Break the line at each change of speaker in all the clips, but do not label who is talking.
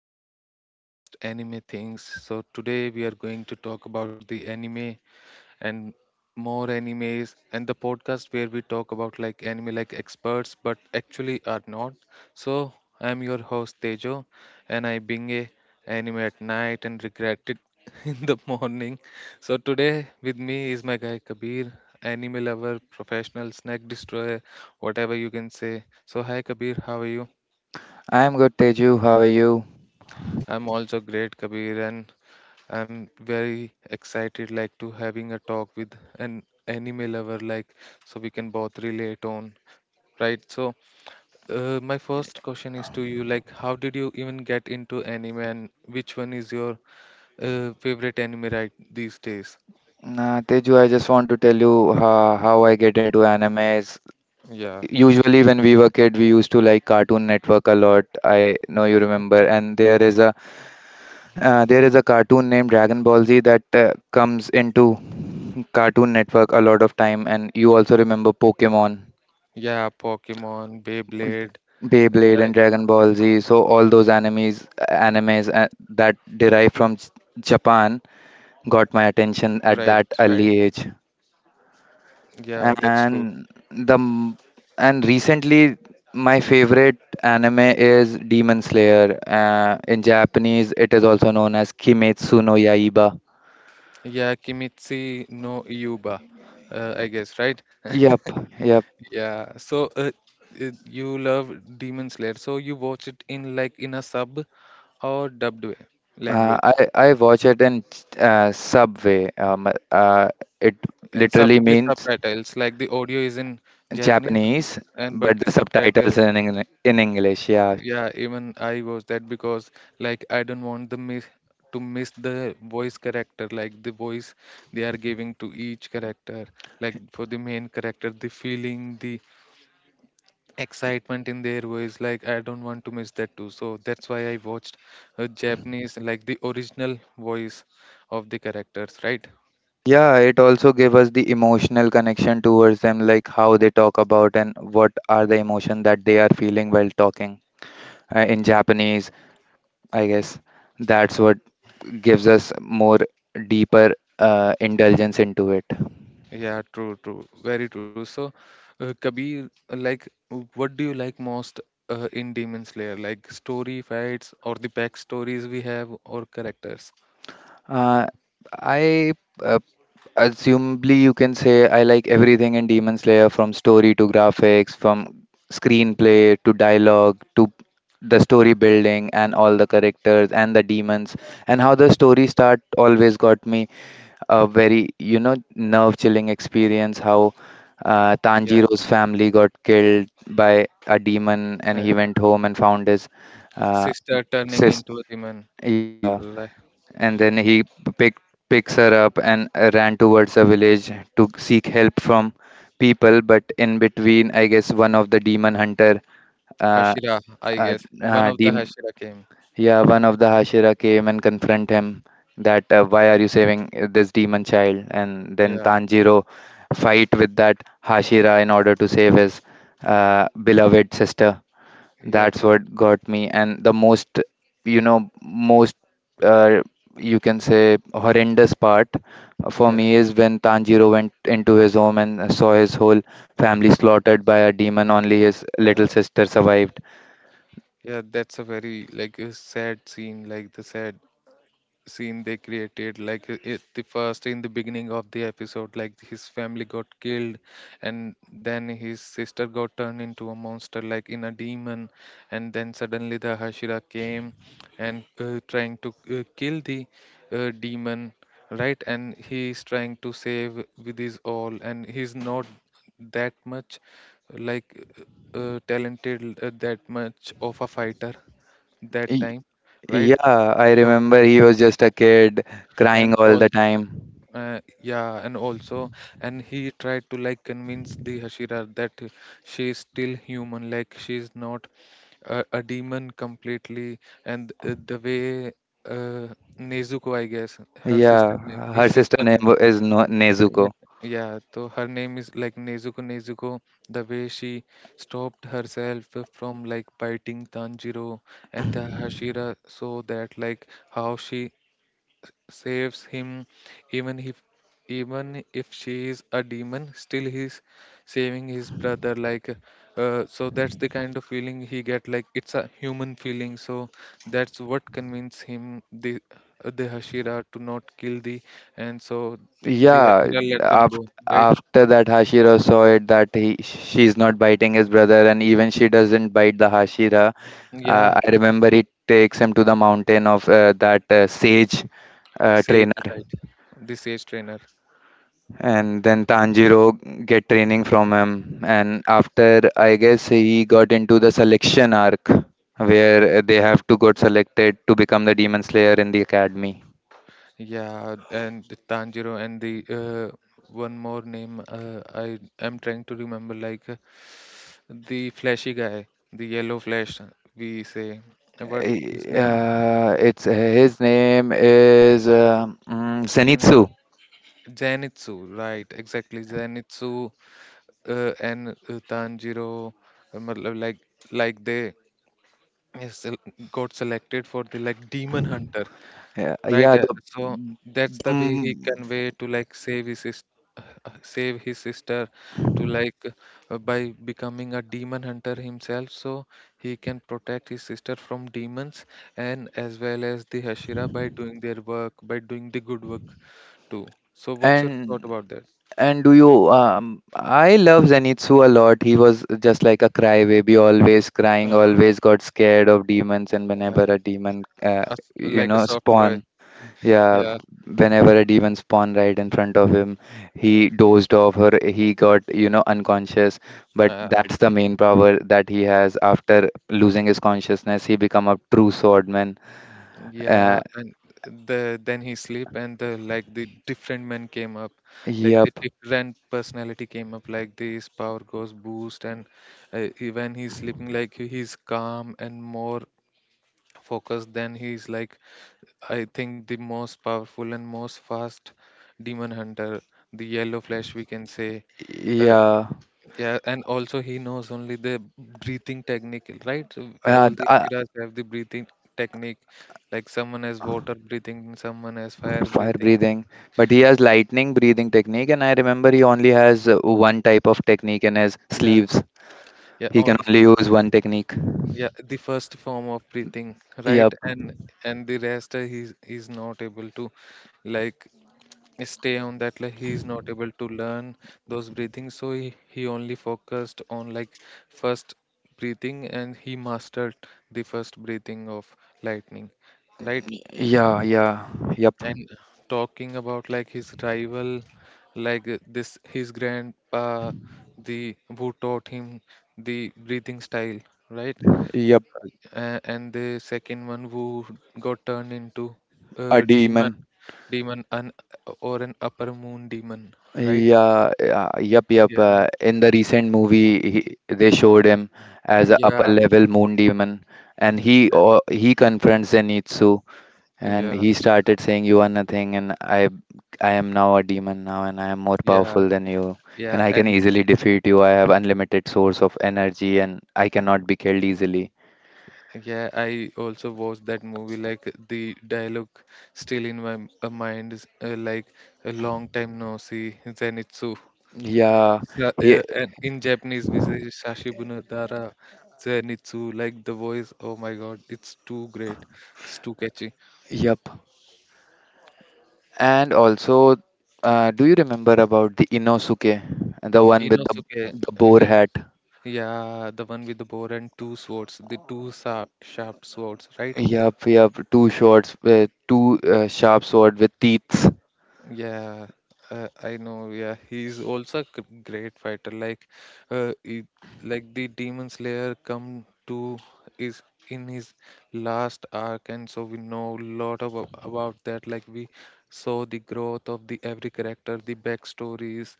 back guys to Just Anime Things. So today we are going to talk about the anime and more animes and the podcast where we talk about anime experts but actually are not. So I'm your host Tejo, and I being a anime at night and regret it in the morning. So today with me is my guy Kabir, anime lover, professional, snack destroyer, whatever you can say. So hi Kabir, how are you?
I'm good, Teju. How are you?
I'm also great, Kabir, and I'm very excited to having a talk with an anime lover like so we can both relate on, right? So, my first question is to you, like, how did you even get into anime and which one is your favorite anime right these days?
Teju, I just want to tell you how I get into animes.
Yeah.
Usually, when we were kid, we used to like Cartoon Network a lot. I know you remember, and there is a cartoon named Dragon Ball Z that comes into Cartoon Network a lot of time, and you also remember Pokemon,
Yeah, Pokemon, Beyblade,
Beyblade,
like
and Dragon Ball Z. So all those animes that derive from Japan got my
right,
attention
right.
at that early age.
Yeah, that's true.
and the m- and recently my favorite anime is Demon Slayer. In Japanese, it is also known as Kimetsu no Yaiba.
Yeah, Kimitsu no Yuba, I guess, right?
Yep, yep.
Yeah, so you love Demon Slayer, so you watch it in like in a sub or dubbed way,
Uh,
language,
I I watch it in Subway. It
in sub
literally
with
means
subtitles. Like the audio is in Japanese,
Japanese,
and
but
but the
the
subtitle,
subtitles in in English. Yeah.
yeah, even I watch that because like I don't want the miss to miss the voice character, like the voice they are giving to each character, like for the main character, the feeling, the excitement in their voice, like I don't want to miss that too. So that's why I watched a Japanese like the original voice of the characters, right?
Yeah, it also gave us the emotional connection towards them, like how they talk about and what are the emotion that they are feeling while talking in Japanese. I guess that's what gives us more deeper indulgence into it.
Yeah, true, true, very true. So Kabir, like what do you like most in Demon Slayer, like story, fights, or the backstories we have, or characters?
Uh, I uh, Assumably you can say I like everything in Demon Slayer from story to graphics, from screenplay to dialogue to the story building and all the characters and the demons, and how the story start always got me a very, you know, nerve chilling experience how
Yeah.
Tanjiro's family got killed by a demon and he
uh,
went home and found his uh,
Sister turning
sister.
into a demon,
Yeah.
like
And then he picked picks her up and ran towards the village to seek help from people, but in between I guess one of the demon hunter uh,
Hashira, I
uh,
guess. One of the
dem
Hashira came.
yeah, one of the Hashira came and confront him that why are you saving this demon child? And then
Yeah.
Tanjiro fight with that Hashira in order to save his beloved sister.
Yeah,
That's
true.
what got me. And the you know, most uh, you can say horrendous part for
Yeah.
me is when Tanjiro went into his home and saw his whole family slaughtered by a demon. Only his little
Yeah.
sister survived.
Yeah, that's a very like a sad scene, like the sad scene they created. Like the first in the beginning of the episode, like his family got killed, and then his sister got turned into a monster, like in a demon, and then suddenly the Hashira came and trying to kill the demon, right? And he's trying to save with his all, and he's not that much like talented, that much of a fighter that time, right?
Yeah, I
So,
remember he was just a kid crying
and
all the
also,
time.
yeah, and also, and he tried to like convince the Hashira that she is still human, like she is not a demon completely. And the way uh, Nezuko, I guess, her sister
Yeah,
name,
her
his
sister
sister
name
name.
is no
Yeah.
Nezuko.
Yeah, so her name is like Nezuko. Nezuko, the way she stopped herself from like biting Tanjiro and the Hashira, so that like how she saves him. Even if, even if she is a demon, still he's saving his brother, like so that's the kind of feeling he get, like it's a human feeling. So that's what convinces him, the Hashira, to not kill the, and so the
Yeah,
Hashira let them
after
go, right?
after that Hashira saw it that he she's not biting his brother and even she doesn't bite the Hashira.
Yeah,
I remember
true.
he takes him to the mountain of that sage
Sage,
trainer,
right? The sage trainer.
and then Tanjiro get training from him, and after I guess he got into the selection arc where they have to got selected to become the demon slayer in the academy.
Yeah, and the Tanjiro and the one more name, I am trying to remember, like the flashy guy, the yellow flash, we say. What his name?
It's his name is
Mm,
Zenitsu.
Zenitsu, right? Exactly, Zenitsu, and Tanjiro, matlab like they uh, sel- got selected for the like demon hunter.
Yeah,
Right,
yeah
so that's
the
the way he convey to like save his sis- save his sister to like by becoming a demon hunter himself, so he can protect his sister from demons, and as well as the Hashira by doing their work, by doing the good work too. So what's your
and
thought about that?
and do you? I love Zenitsu a lot. He was just like a crybaby, always crying,
Uh,
always got scared of demons, and whenever
uh,
a demon,
as-
you
like a
know,
soft boy,
spawn, yeah,
yeah.
whenever a demon spawn right in front of him, he dozed off or he got, you know, unconscious. But
Uh,
that's the main power that he has. After losing his consciousness, he become a true swordman. Uh,
yeah, and the then he sleep and the like the different men came up, like the
yep.
different personality came up, like this power goes boost, and he- when he's sleeping, like he- he's calm and more focused. Then he's like I think the most powerful and most fast demon hunter, the yellow flash we can say. uh,
Yeah,
yeah, and also he knows only the breathing technique, right? So
yeah.
all the
I,
Shiras have the breathing technique. Like someone has water breathing, someone has fire
Fire
breathing.
breathing, but he has lightning breathing technique, and I remember he only has one type of technique in his
Yeah,
sleeves.
yeah,
He
only
can only
he,
use one technique.
yeah, the first form of breathing, right?
Yep
And the rest he's not able to like stay on that, like he's not able to learn those breathing, so he only focused on like first breathing, and he mastered the first breathing of lightning, right?
yeah yeah yep
And talking about like his rival, like this, his grand, the who taught him the breathing style, right?
yep
And the second one who got turned into
a
a demon,
demon
demon, an or an upper moon demon, right?
yeah, yeah yep yep
Yeah,
In the recent movie he, they showed him as a upper
yeah,
level moon demon, and
yeah,
he confronts Zenitsu. And
yeah,
he started saying, "You are nothing, I am now a demon now, and I am more
yeah,
powerful than you,
yeah.
and I can
And
easily defeat you. I have unlimited source of energy, and I cannot be killed easily."
yeah, I also watched that movie. Like the dialogue still in my mind is like a long time no see, Zenitsu.
Yeah, he,
Yeah, and in Japanese, we say Shashibuna Dara Zenitsu, like the voice. Oh my God, it's too great. It's too catchy.
yep. And also, do you remember about the Inosuke, the one with
Inosuke,
the boar
yeah,
hat?
yeah, the one with the bow and two swords, the two sa sharp swords, right?
Yep, yep. Two swords with two sharp sword with teeth.
Yeah, I know. Yeah, he's also a great fighter. Like, uh, he, like the Demon Slayer come to is in his last arc, and so we know a lot of about that. Like, we saw the growth of the every character, the backstories,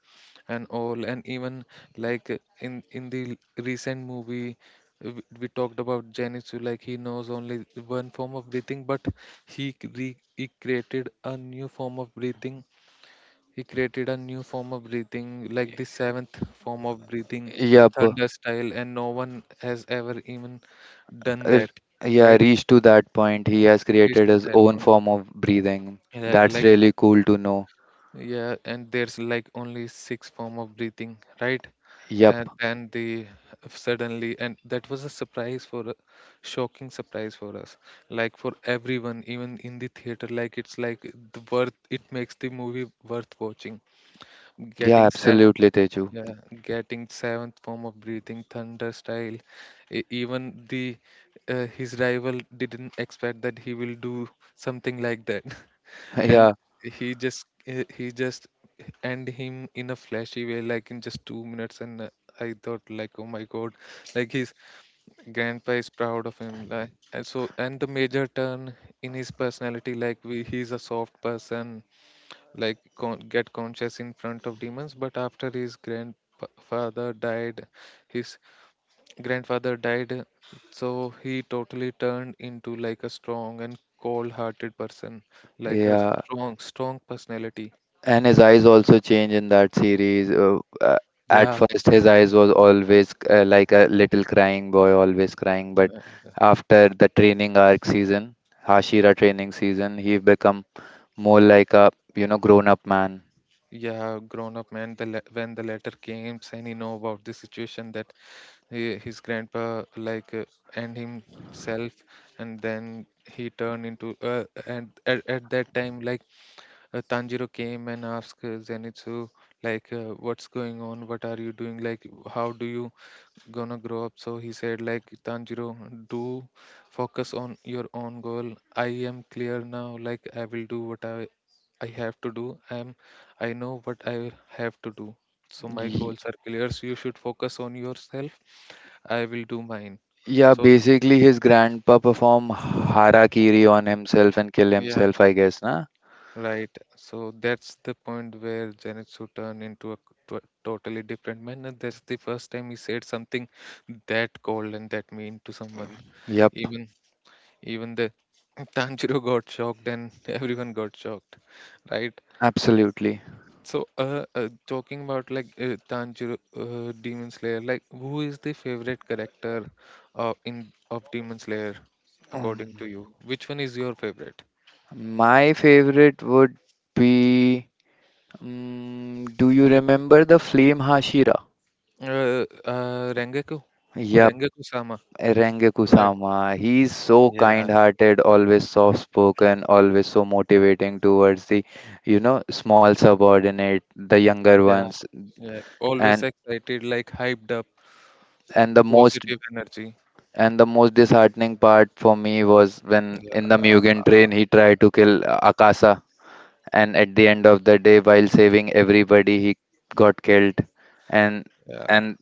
and all. And even like in the recent movie, we talked about Zenitsu. Like, he knows only one form of breathing, but he created a new form of breathing, he created a new form of breathing, like the seventh form of breathing,
Yep.
thunder style, and no one has ever even done
r-
that,
yeah,
right?
reached to that point. He has
We used
created
to
his
that
own
one.
form of breathing.
Yeah,
That's
like
really cool to know.
yeah, and there's like only six form of breathing, right?
Yep.
And then the suddenly, and that was a surprise for, shocking surprise for us, like for everyone, even in the theater. Like it's like the worth. It makes the movie worth watching.
Yeah,
Getting sad.
absolutely, Teju.
Yeah, getting seventh form of breathing thunder style. Even the his rival didn't expect that he will do something like that, and
Yeah,
he just end him in a flashy way, like in just 2 minutes. And I thought, like, oh my God, like his grandpa is proud of him. Like, and so, and the major turn in his personality, like we, he's a soft person like get conscious in front of demons, but after his grandfather died, his grandfather died, so he totally turned into like a strong and cold-hearted person, like a
yeah.
strong, strong personality.
And his eyes also change in that series. At
Yeah,
first, his eyes was always like a little crying boy, always crying. But after the training arc season, Hashira training season, he become more like a you know grown up man.
yeah, grown up man, the when the letter came and he know about the situation that he, his grandpa like and himself, and then he turned into and at that time like Tanjiro came and asked Zenitsu like what's going on, what are you doing, like how do you gonna grow up. So he said, like, Tanjiro, do focus on your own goal. I am clear now, like I will do what I have to do. I am, I know what I have to do, so my goals are clear, so you should focus on yourself. I will do mine.
Yeah,
So
basically his grandpa perform harakiri on himself and kill
yeah,
himself, I guess, na?
right. So that's the point where Janitsu turned into a totally different man. And that's the first time he said something that cold and that mean to someone.
Yep,
Even, even the Tanjiro got shocked and everyone got shocked. Right.
absolutely.
So talking about like Tanjiro, Demon Slayer, like who is the favorite character in of Demon Slayer according to
Um,
you? Which one is your favorite?
my favorite would be. Do you remember the Flame Hashira?
Rengoku,
Yep,
Rengoku-sama.
Renge Kusama. He's so
Yeah,
kind-hearted, always soft-spoken, always so motivating towards the, you know, small subordinate, the younger
yeah,
ones,
yeah. Always
and
excited, like hyped up,
and the most
positive energy.
and the most disheartening part for me was when in
Yeah,
the Mugen train he tried to kill Akasa, and at the end of the day, while saving everybody, he got killed. And
yeah,
and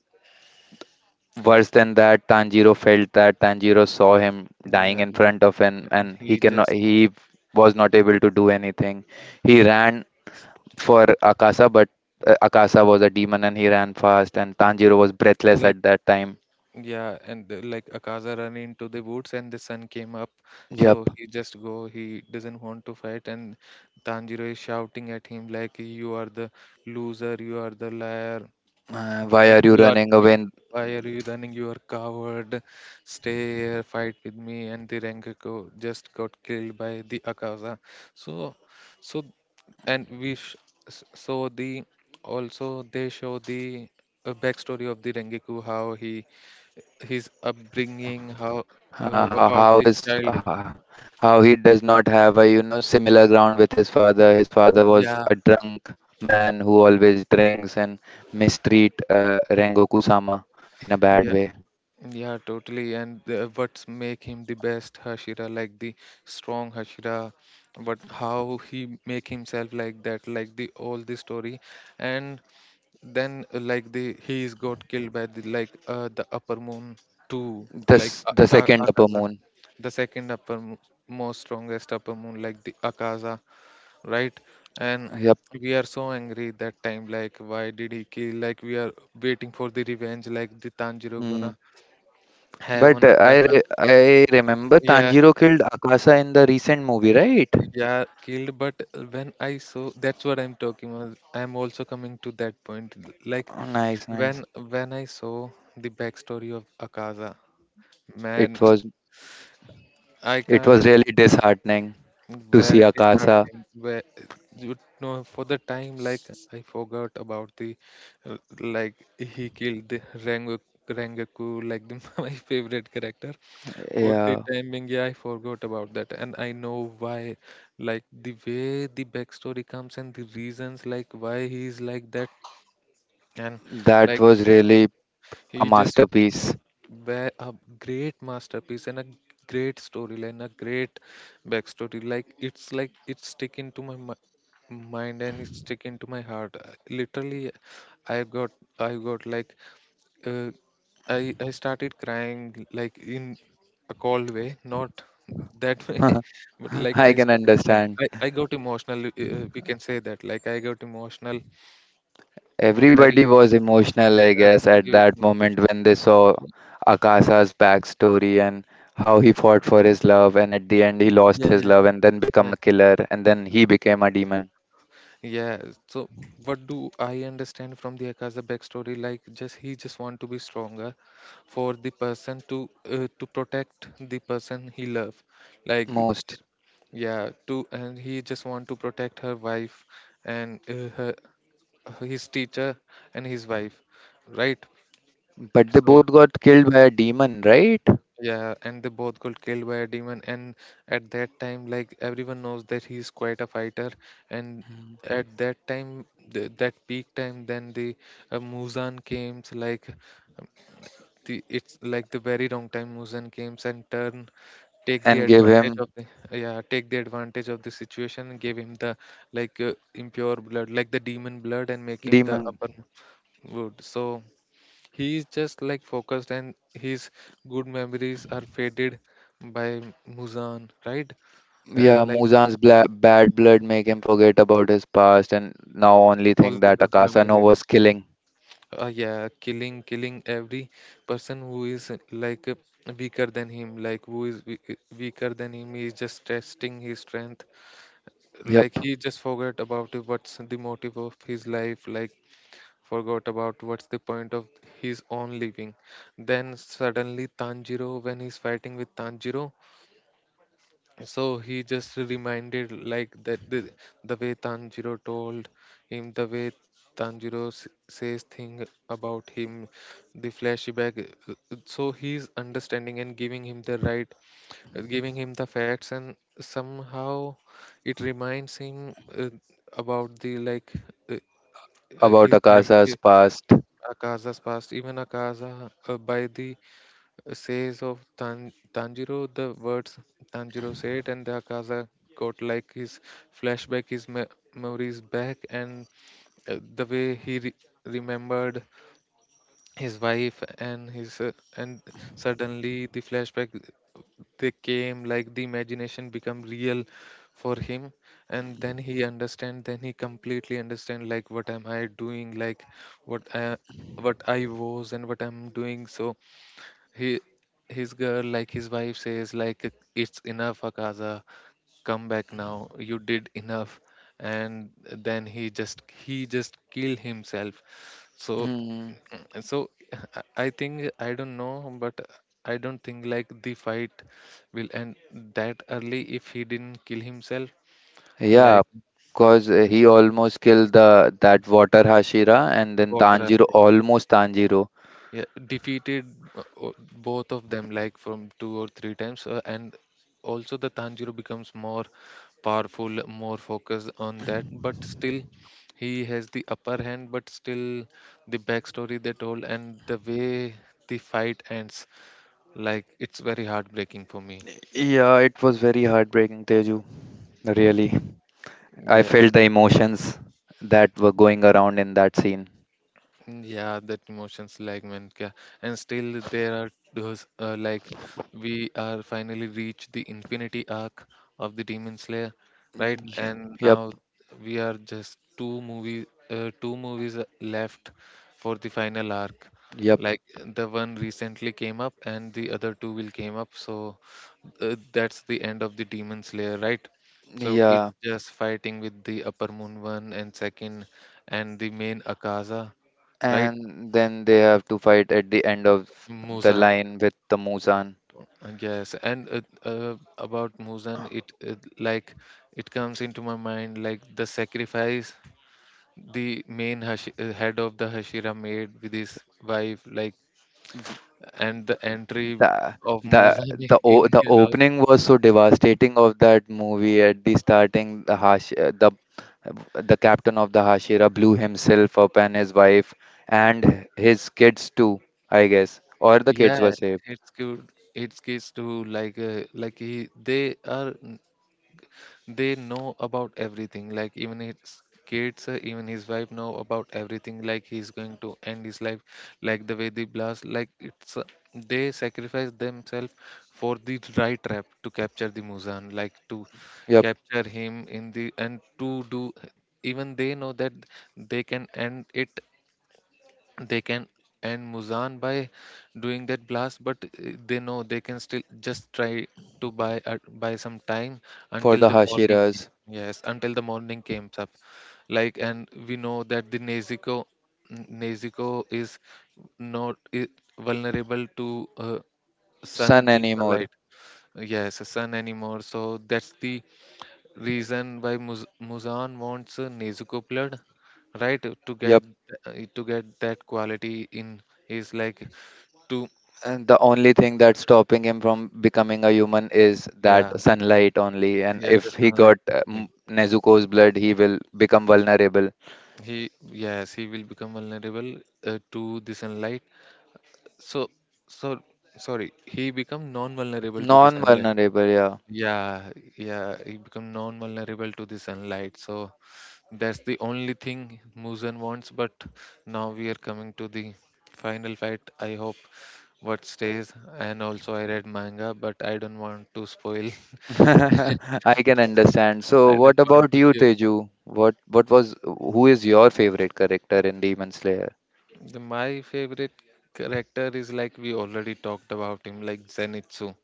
worse than that, Tanjiro felt that Tanjiro saw him dying
yeah,
in
yeah.
front of him,
Yeah.
and he
He
cannot
just
he was not able to do anything. He ran for Akasa, but Akasa was a demon, and he ran fast, and Tanjiro was breathless
like
at that time.
yeah, and like Akaza run into the woods and the sun came up,
Yep.
so he just go. He doesn't want to fight, and Tanjiro is shouting at him like, "You are the loser! You are the liar!
Why
Like,
are you
you are,
running
you are,
away?
why are you running? You are coward. Stay here, fight with me." And the Rengoku just got killed by the Akaza. So, so, and we, so the, also they show the backstory of the Rengoku, how he, his upbringing, how,
Uh, how
about
how
the
his
child.
uh, how he does not have a you know similar ground with his father. His father was
Yeah,
a drunk man who always drinks and mistreat Rengoku-sama in a
yeah.
bad way.
Yeah, totally. And the, what's make him the best Hashira, like the strong Hashira, but how he make himself like that, like the all the story, and then like the he's got killed by the like the upper moon too, like
This the second upper
Akaza,
moon.
the second most strongest upper moon, like the Akaza, right? And
Yep.
we are so angry that time, like why did he kill? Like we are waiting for the revenge, like the Tanjiro
Mm.
Guna have
But
on a
uh, I
casa.
re I remember
Yeah,
Tanjiro killed Akasa in the recent movie, right?
yeah, killed. But when I saw, that's what I'm talking about. I'm also coming to that point. Like
Oh, nice, nice.
when I saw the backstory of Akaza,
It
man,
was
I
it
can't.
was really disheartening to
Where
see
it is
Akasa.
happening, where you for the time, like I forgot about the, like he killed the Rengoku, like the, my favorite character. For the
Yeah,
time being, yeah, I forgot about that, and I know why. Like the way the backstory comes and the reasons, like why he's like that, and
that
like
was really a
he just
masterpiece.
were a great masterpiece and a great storyline, a great backstory. Like it's stick into my mind and it's stick into my heart. Literally, I got I got like uh, I started crying like in a cold way, not that way, but like
I
I
can
started crying.
understand.
I got emotional. We can say that. Like I got emotional, very
Everybody was emotional, I
emotional.
guess,
Everybody
at
was
that
involved.
moment when they saw
Yeah,
Akasa's backstory and how he fought for his love, and at the end he lost his
yeah,
love and then become
yeah,
a killer, and then he became a demon.
yeah. So what do I understand from the Akaza backstory? Like just he just want to be stronger for the person to protect the person he love. Like,
Most.
yeah, to and he just want to protect her wife and her, his teacher and his wife, right?
But they
So
both got killed by a demon, right?
yeah, and they both got killed by a demon. And at that time, like everyone knows that he's quite a fighter. And at that time, that peak time, then the Muzan came. So like, um, the it's like the very wrong time Muzan came and turned take the
And gave
advantage
him
of the yeah, take the advantage of the situation, give him the, impure blood, like the demon blood, and make him the
demon.
upper wood. So he is just like focused and his good memories are faded by Muzan, right?
Yeah,
Like
Muzan's bad blood make him forget about his past and now only
all
think
the
that
good
Akasa no
memories,
was killing.
yeah, killing every person who is, weaker than him, like who is weaker than him. He is just testing his strength, like
Yep,
he just forgot about it, what's the motive of his life, like forgot about what's the point of his own living. Then suddenly Tanjiro, when he's fighting with Tanjiro, so he just reminded, like that the way Tanjiro told him, the way Tanjiro says thing about him, the flashback. So he's understanding and giving him the right, giving him the facts, and somehow it reminds him, about the, uh, uh,
about
his mem-
Akasa's
hi-
past.
Akaza's past. Even Akaza, by the, says of Tanjiro, the words Tanjiro said, and the Akaza got like his flashback, his memories back, and the way he remembered his wife and his and suddenly the flashback, they came like the imagination become real for him. And then he understand, then he completely understand, like what am I doing, like what I, what I was and what I'm doing. So he his girl, like his wife says, like, "It's enough, Akaza, come back now, you did enough." And then he just, kill himself. So,
Hmm.
and so I think, I don't know, but I don't think like the fight will end that early if he didn't kill himself.
Yeah,
Like
because he almost killed the that water Hashira and then
got Russia,
Tanjiro.
yeah, defeated, uh, o- both of them like from two or three times, and also the Tanjiro becomes more powerful, more focused on that. But still, he has the upper hand. But still, the backstory they told and the way the fight ends, like it's very heartbreaking for me.
Yeah, it was very heartbreaking, Teju. Really, I
Yeah,
felt the emotions that were going around in that scene.
yeah, that emotions, like, man, and still there are those, like we are finally reached the infinity arc of the Demon Slayer,
Mm,
right?
yeah,
And
yep,
now we are just two movies left for the final arc.
yep,
Like the one recently came up, and the other two will came up. So, that's the end of the Demon Slayer, right? So it's
yeah,
just fighting with the Upper Moon one and second, and the main Akaza, right?
and then they have to fight at the end of the
Muzan,
line with the Muzan.
yes, and, about Muzan, it comes into my mind, like the sacrifice head of the Hashira made with his wife, like, and the entry
The
of
the
Muzan
the
in
o- the
their house.
opening was so devastating of that movie at the starting, the captain of the Hashira blew himself up, and his wife and his kids too, I guess, or the kids were
Yeah,
saved.
it's good. It's kids too. Like, like, he they are, they know about everything, like even his kids, even his wife know about everything, like he's going to end his life, like the way they blast, like it's, they sacrifice themselves for the right trap to capture the Muzan, like to
Yep,
capture him in the, and to do, even they know that they can end it they can end Muzan by doing that blast. But, they know they can still just try to buy some time
for
until
the
the morning came.
Hashira's
Yes, until the morning comes up. Like, and we know that the Nezuko is not I vulnerable to, sun
son anymore.
sunlight. Yes, sun anymore. So that's the reason why Muzan wants, Nezuko blood, right? To get,
Yep,
to get that quality in, is like, to,
and the only thing that's stopping him from becoming a human is that
yeah,
sunlight only, and
yeah, the
if he
sunlight
got
only.
Nezuko's blood he will become vulnerable.
He Yes, he will become vulnerable, to the sunlight. So, so sorry, he become non vulnerable to the
Non
sunlight.
vulnerable, yeah.
Yeah, yeah, he become non vulnerable to the sunlight. So that's the only thing Muzan wants. But now we are coming to the final fight, I hope, what stays. And also I read manga, but I don't want to spoil.
I can understand.
I
So,
don't
what
want
about
to
you,
give,
Teju? What was who is your favorite character in Demon Slayer?
my favorite character is, like we already talked about him, like Zenitsu.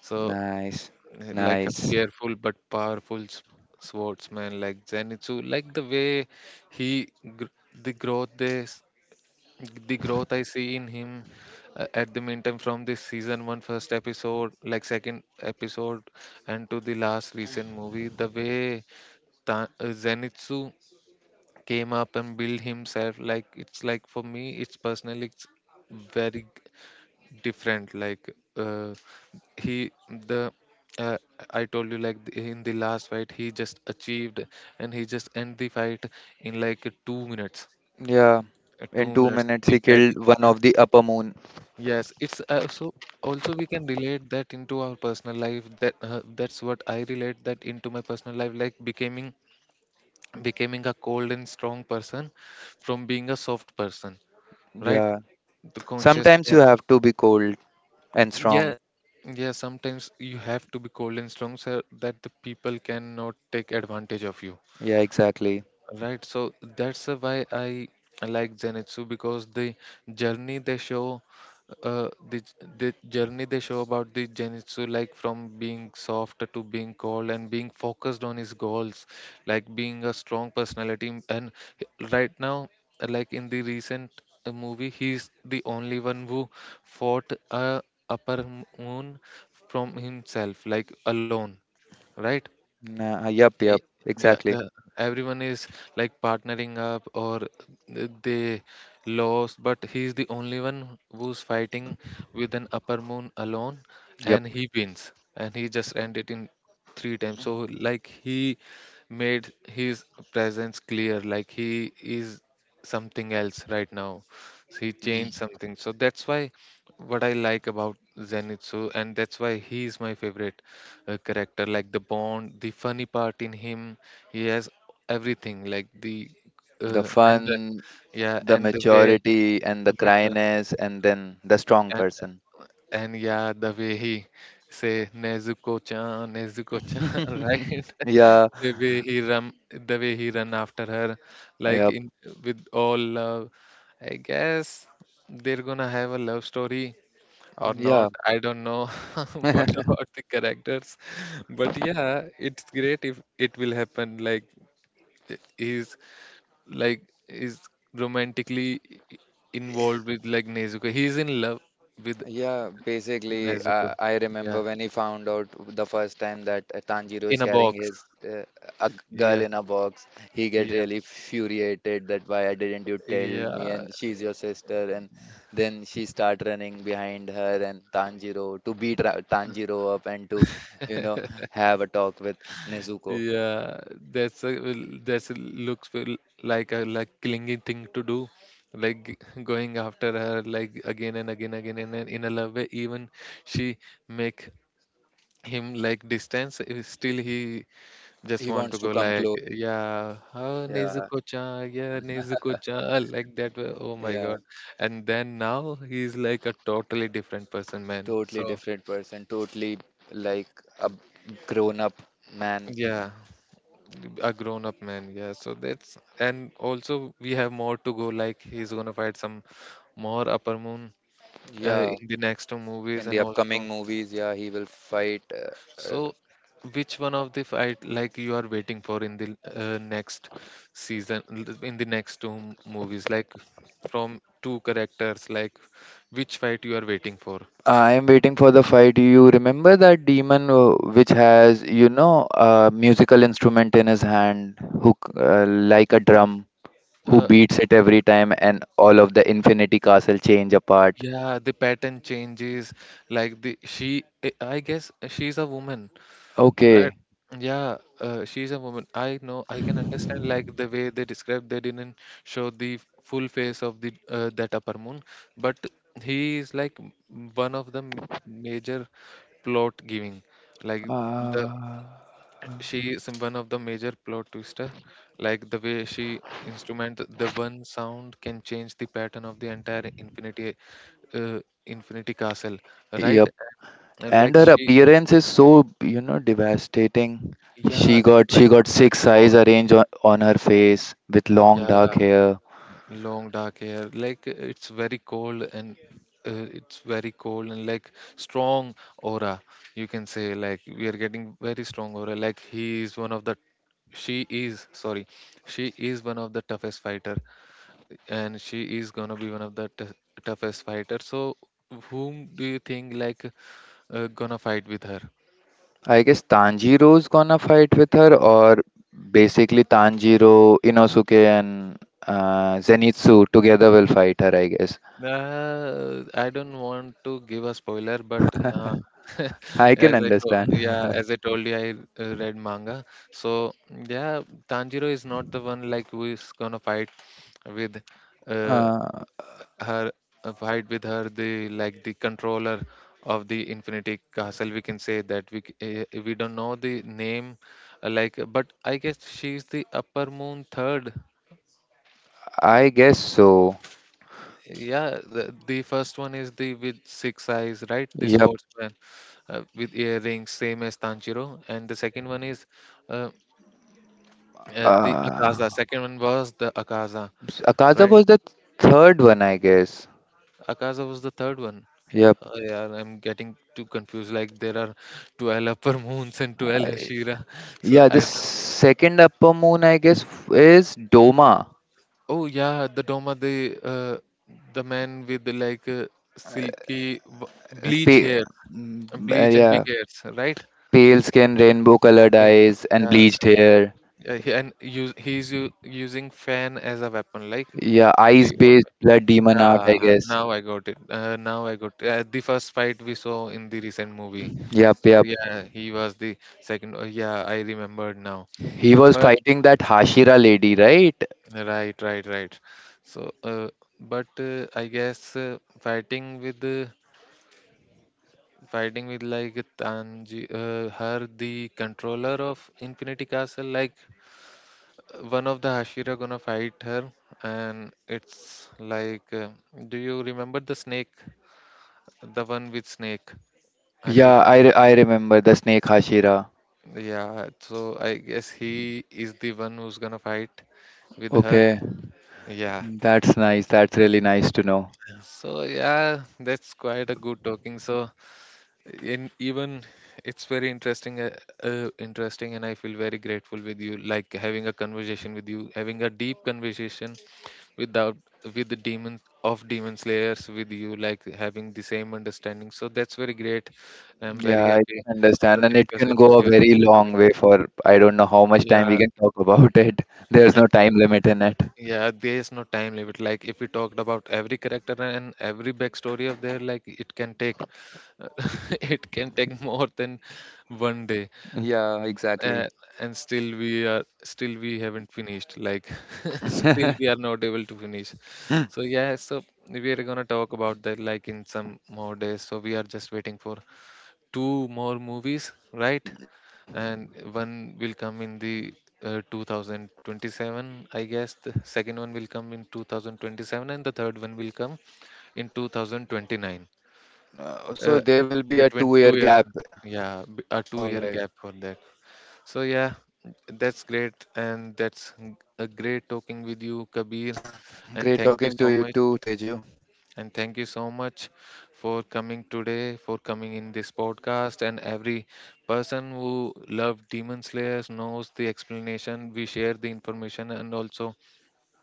So,
Nice,
like a
nice.
fearful but powerful swordsman, like Zenitsu, like the way he, gr- the growth they, the growth I see in him, at the meantime, from this season one first episode, like second episode, and to the last recent movie, the way, Zenitsu came up and built himself, like it's like for me, it's personally, it's very different. Like, he the uh, I told you, like in the last fight he just achieved and he just end the fight in like 2 minutes.
Yeah, in
Two
two
minutes
minutes
the
he killed one
dedication,
of the upper moon.
yes. It's, so also we can relate that into our personal life, that's what I relate that into my personal life, like becoming a cold and strong person from being a soft person, right?
Yeah,
The conscious,
sometimes
yeah,
you have to be cold and
yeah,
strong.
yeah. Sometimes you have to be cold and strong so that the people cannot take advantage of you,
Yeah, exactly.
right? So that's, why I like Zenitsu, because the journey they show, about the Genitsu, like from being soft to being cold and being focused on his goals, like being a strong personality. And, right now, like in the recent, movie, he's the only one who fought a upper moon from himself, like alone, right?
Nah, yup,
Y-
yup,
Yeah,
exactly.
everyone is like partnering up or they lost, but he's the only one who's fighting with an upper moon alone,
Yup.
and he wins, and he just ended in three times. So like he made his presence clear, like he is something else right now. So he
Y-
changed something. So that's why, what I like about Zenitsu, and that's why he is my favorite, character, like the bond, the funny part in him, he has everything, like the,
The
and the,
fun,
yeah,
the
and the way,
maturity, and the
the mature,
cryness, and then the strong
and,
person.
and yeah, the way he say, nezuko chan right?
Yeah,
the way he run the way he run after her, like,
yup,
in with all love, I guess. They're gonna have a love story or
yeah.
not, I don't know. What about the characters? But yeah, it's great if it will happen. Like, he's like, is romantically, i-
Yeah.
involved with, like, Nezuko. He's in love with
Yeah, basically,
Nezuko,
I remember
yeah,
when he found out the first time that Tanjiro is
in a
carrying
box,
his girl
yeah,
in a box. He get
yeah,
really furiated that why I didn't you tell me
yeah.
and she's your sister, and then she start running behind her and Tanjiro to beat Tanjiro up and to you know have a talk with Nezuko.
Yeah, that's a that's a like a, like clingy thing to do, like going after her like again and again, again, and then in a love way. Even she make him like distance. Still he just
He
want
wants
to
to
go
come
like,
close.
"Yeah, oh,
Yeah,
Nezuko-chan, yeah, Nezuko-chan," like that. Way. Oh my
yeah,
God! And then now he's like a totally different person, man.
totally
So
different person, totally like a grown up man.
yeah. A grown up man, yeah, so that's and also we have more to go. Like he's gonna fight some more upper moon
Yeah,
in the next two movies.
in
And
the upcoming
also
movies, yeah, he will fight.
so which one of the fight like you are waiting for in the next season in the next two movies, like from two characters, like which fight you are waiting for
I am waiting for the fight. You remember that demon which has, you know, a musical instrument in his hand, who like a
so,
drum, who
uh,
beats it every time, and all of the Infinity Castle change apart.
yeah, the pattern changes, like the she I guess she's a woman. Right.
Okay.
Yeah, she's a woman, I know. I can understand like the way they described. They didn't show the full face of the that upper moon, but he is like one of the major plot giving. Like the
Uh,
she is one of the major plot twister. Like the way she instrument, the one sound can change the pattern of the entire infinity uh, infinity castle. Right?
yep. And
Like
her
she.
appearance is so, you know, devastating.
Yeah,
She
it's
got
like
she got
very
six eyes
cold.
arranged on her face with long dark
Yeah,
hair.
long dark hair, like it's very cold and like strong aura, you can say, like we are getting very strong aura. Like he is one of the she is sorry she is one of the toughest fighter, and she is gonna be one of the toughest fighter. So whom do you think like gonna fight with her?
I guess Tanjiro's gonna fight with her, or basically Tanjiro, Inosuke, and Zenitsu together will fight her, I guess.
I don't want to give a spoiler, but nah.
I can
As I told,
understand.
yeah, as I told you, I read manga. So yeah, Tanjiro is not the one like who is gonna fight with uh,
Uh,
her, fight with her, the like the controller of the Infinity Castle. We can say that we don't know the name, like, but I guess she's the Upper Moon Third.
I guess so.
Yeah, the first one is the with six eyes, right? The
Yep.
swordsman. With earrings, same as Tanjiro. And the second one is uh, the
Uh,
Akaza. Second one was the Akaza,
Akaza
right?
was the third one, I guess.
Akaza was the third one.
Yep.
Oh, yeah, I'm getting too confused. Like there are 12 upper moons and 12 Hashira. So
Yeah,
I
the
don't.
second upper moon, I guess, is Doma.
Oh yeah, the Doma, the man with the, like silky bleach
Pa-
hair, bleach and big
yeah,
hairs, right?
pale skin, rainbow colored
Well,
eyes, and
yeah,
bleached hair.
he's using fan as a weapon, like
Yeah, ice
the
based blood demon art, I
ah,
guess.
now I got it. Now I got the first fight we saw in the recent movie.
Yep,
So
yep.
yeah, he was the second. Oh, yeah, I remembered now.
He was
But
fighting that Hashira lady, right?
right, right, right. So, uh, I guess fighting with like her, the controller of Infinity Castle. Like one of the Hashira gonna fight her, and it's like, do you remember the snake, the one with snake,
Yeah,
Hashira?
I remember the snake Hashira.
Yeah, so I guess he is the one who's gonna fight with her.
Okay,
Yeah.
that's nice. That's really nice to know.
So yeah, that's quite a good talking. So in even it's very interesting, interesting, and I feel very grateful with you, like having a conversation with you, having a deep conversation without with the demons of demon slayers with you, like having the same understanding. So that's very great. I'm
Yeah,
very
I
happy
can
to
understand. And it
discuss
can
it with
go a
you.
very long way for I don't know how much time we
Yeah,
can talk about it. There's no time limit in it.
yeah, there is no time limit. Like if we talked about every character and every backstory of their, like it can take, it can take more than one day,
Yeah, exactly.
uh, and still we haven't finished. Like still we are not able to finish. So yeah, so we are gonna talk about that like in some more days. So we are just waiting for two more movies, right?
Yep.
And one will come in the 2027, I guess. The second one will come in 2027 and the third one will come in 2029,
So
uh,
there will be a
between
2-year
2 years.
gap.
Yeah, a two
All
year
right.
gap for that. So yeah, that's great, and that's a great talking with you, Kabir, and
Great
thank you
talking
so
to you
much
too, Teju.
and thank you so much for coming today, for coming in this podcast. And every person who loved Demon Slayers knows the explanation. We share the information, and also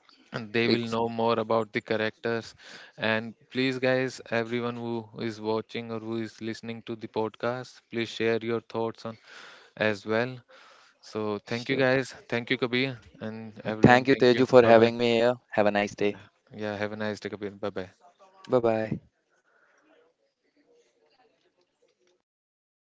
they
Ex-
will know more about the characters. And please, guys, everyone who is watching or who is listening to the podcast, please share your thoughts on as well. So thank you,
Sure.
guys. Thank you, Kabir, and
Thank
everyone.
you,
Thank
Teju,
you.
for
Bye
having
bye.
me here. Have a nice day.
Yeah. Have a nice day, Kabir. Bye bye.
Bye bye.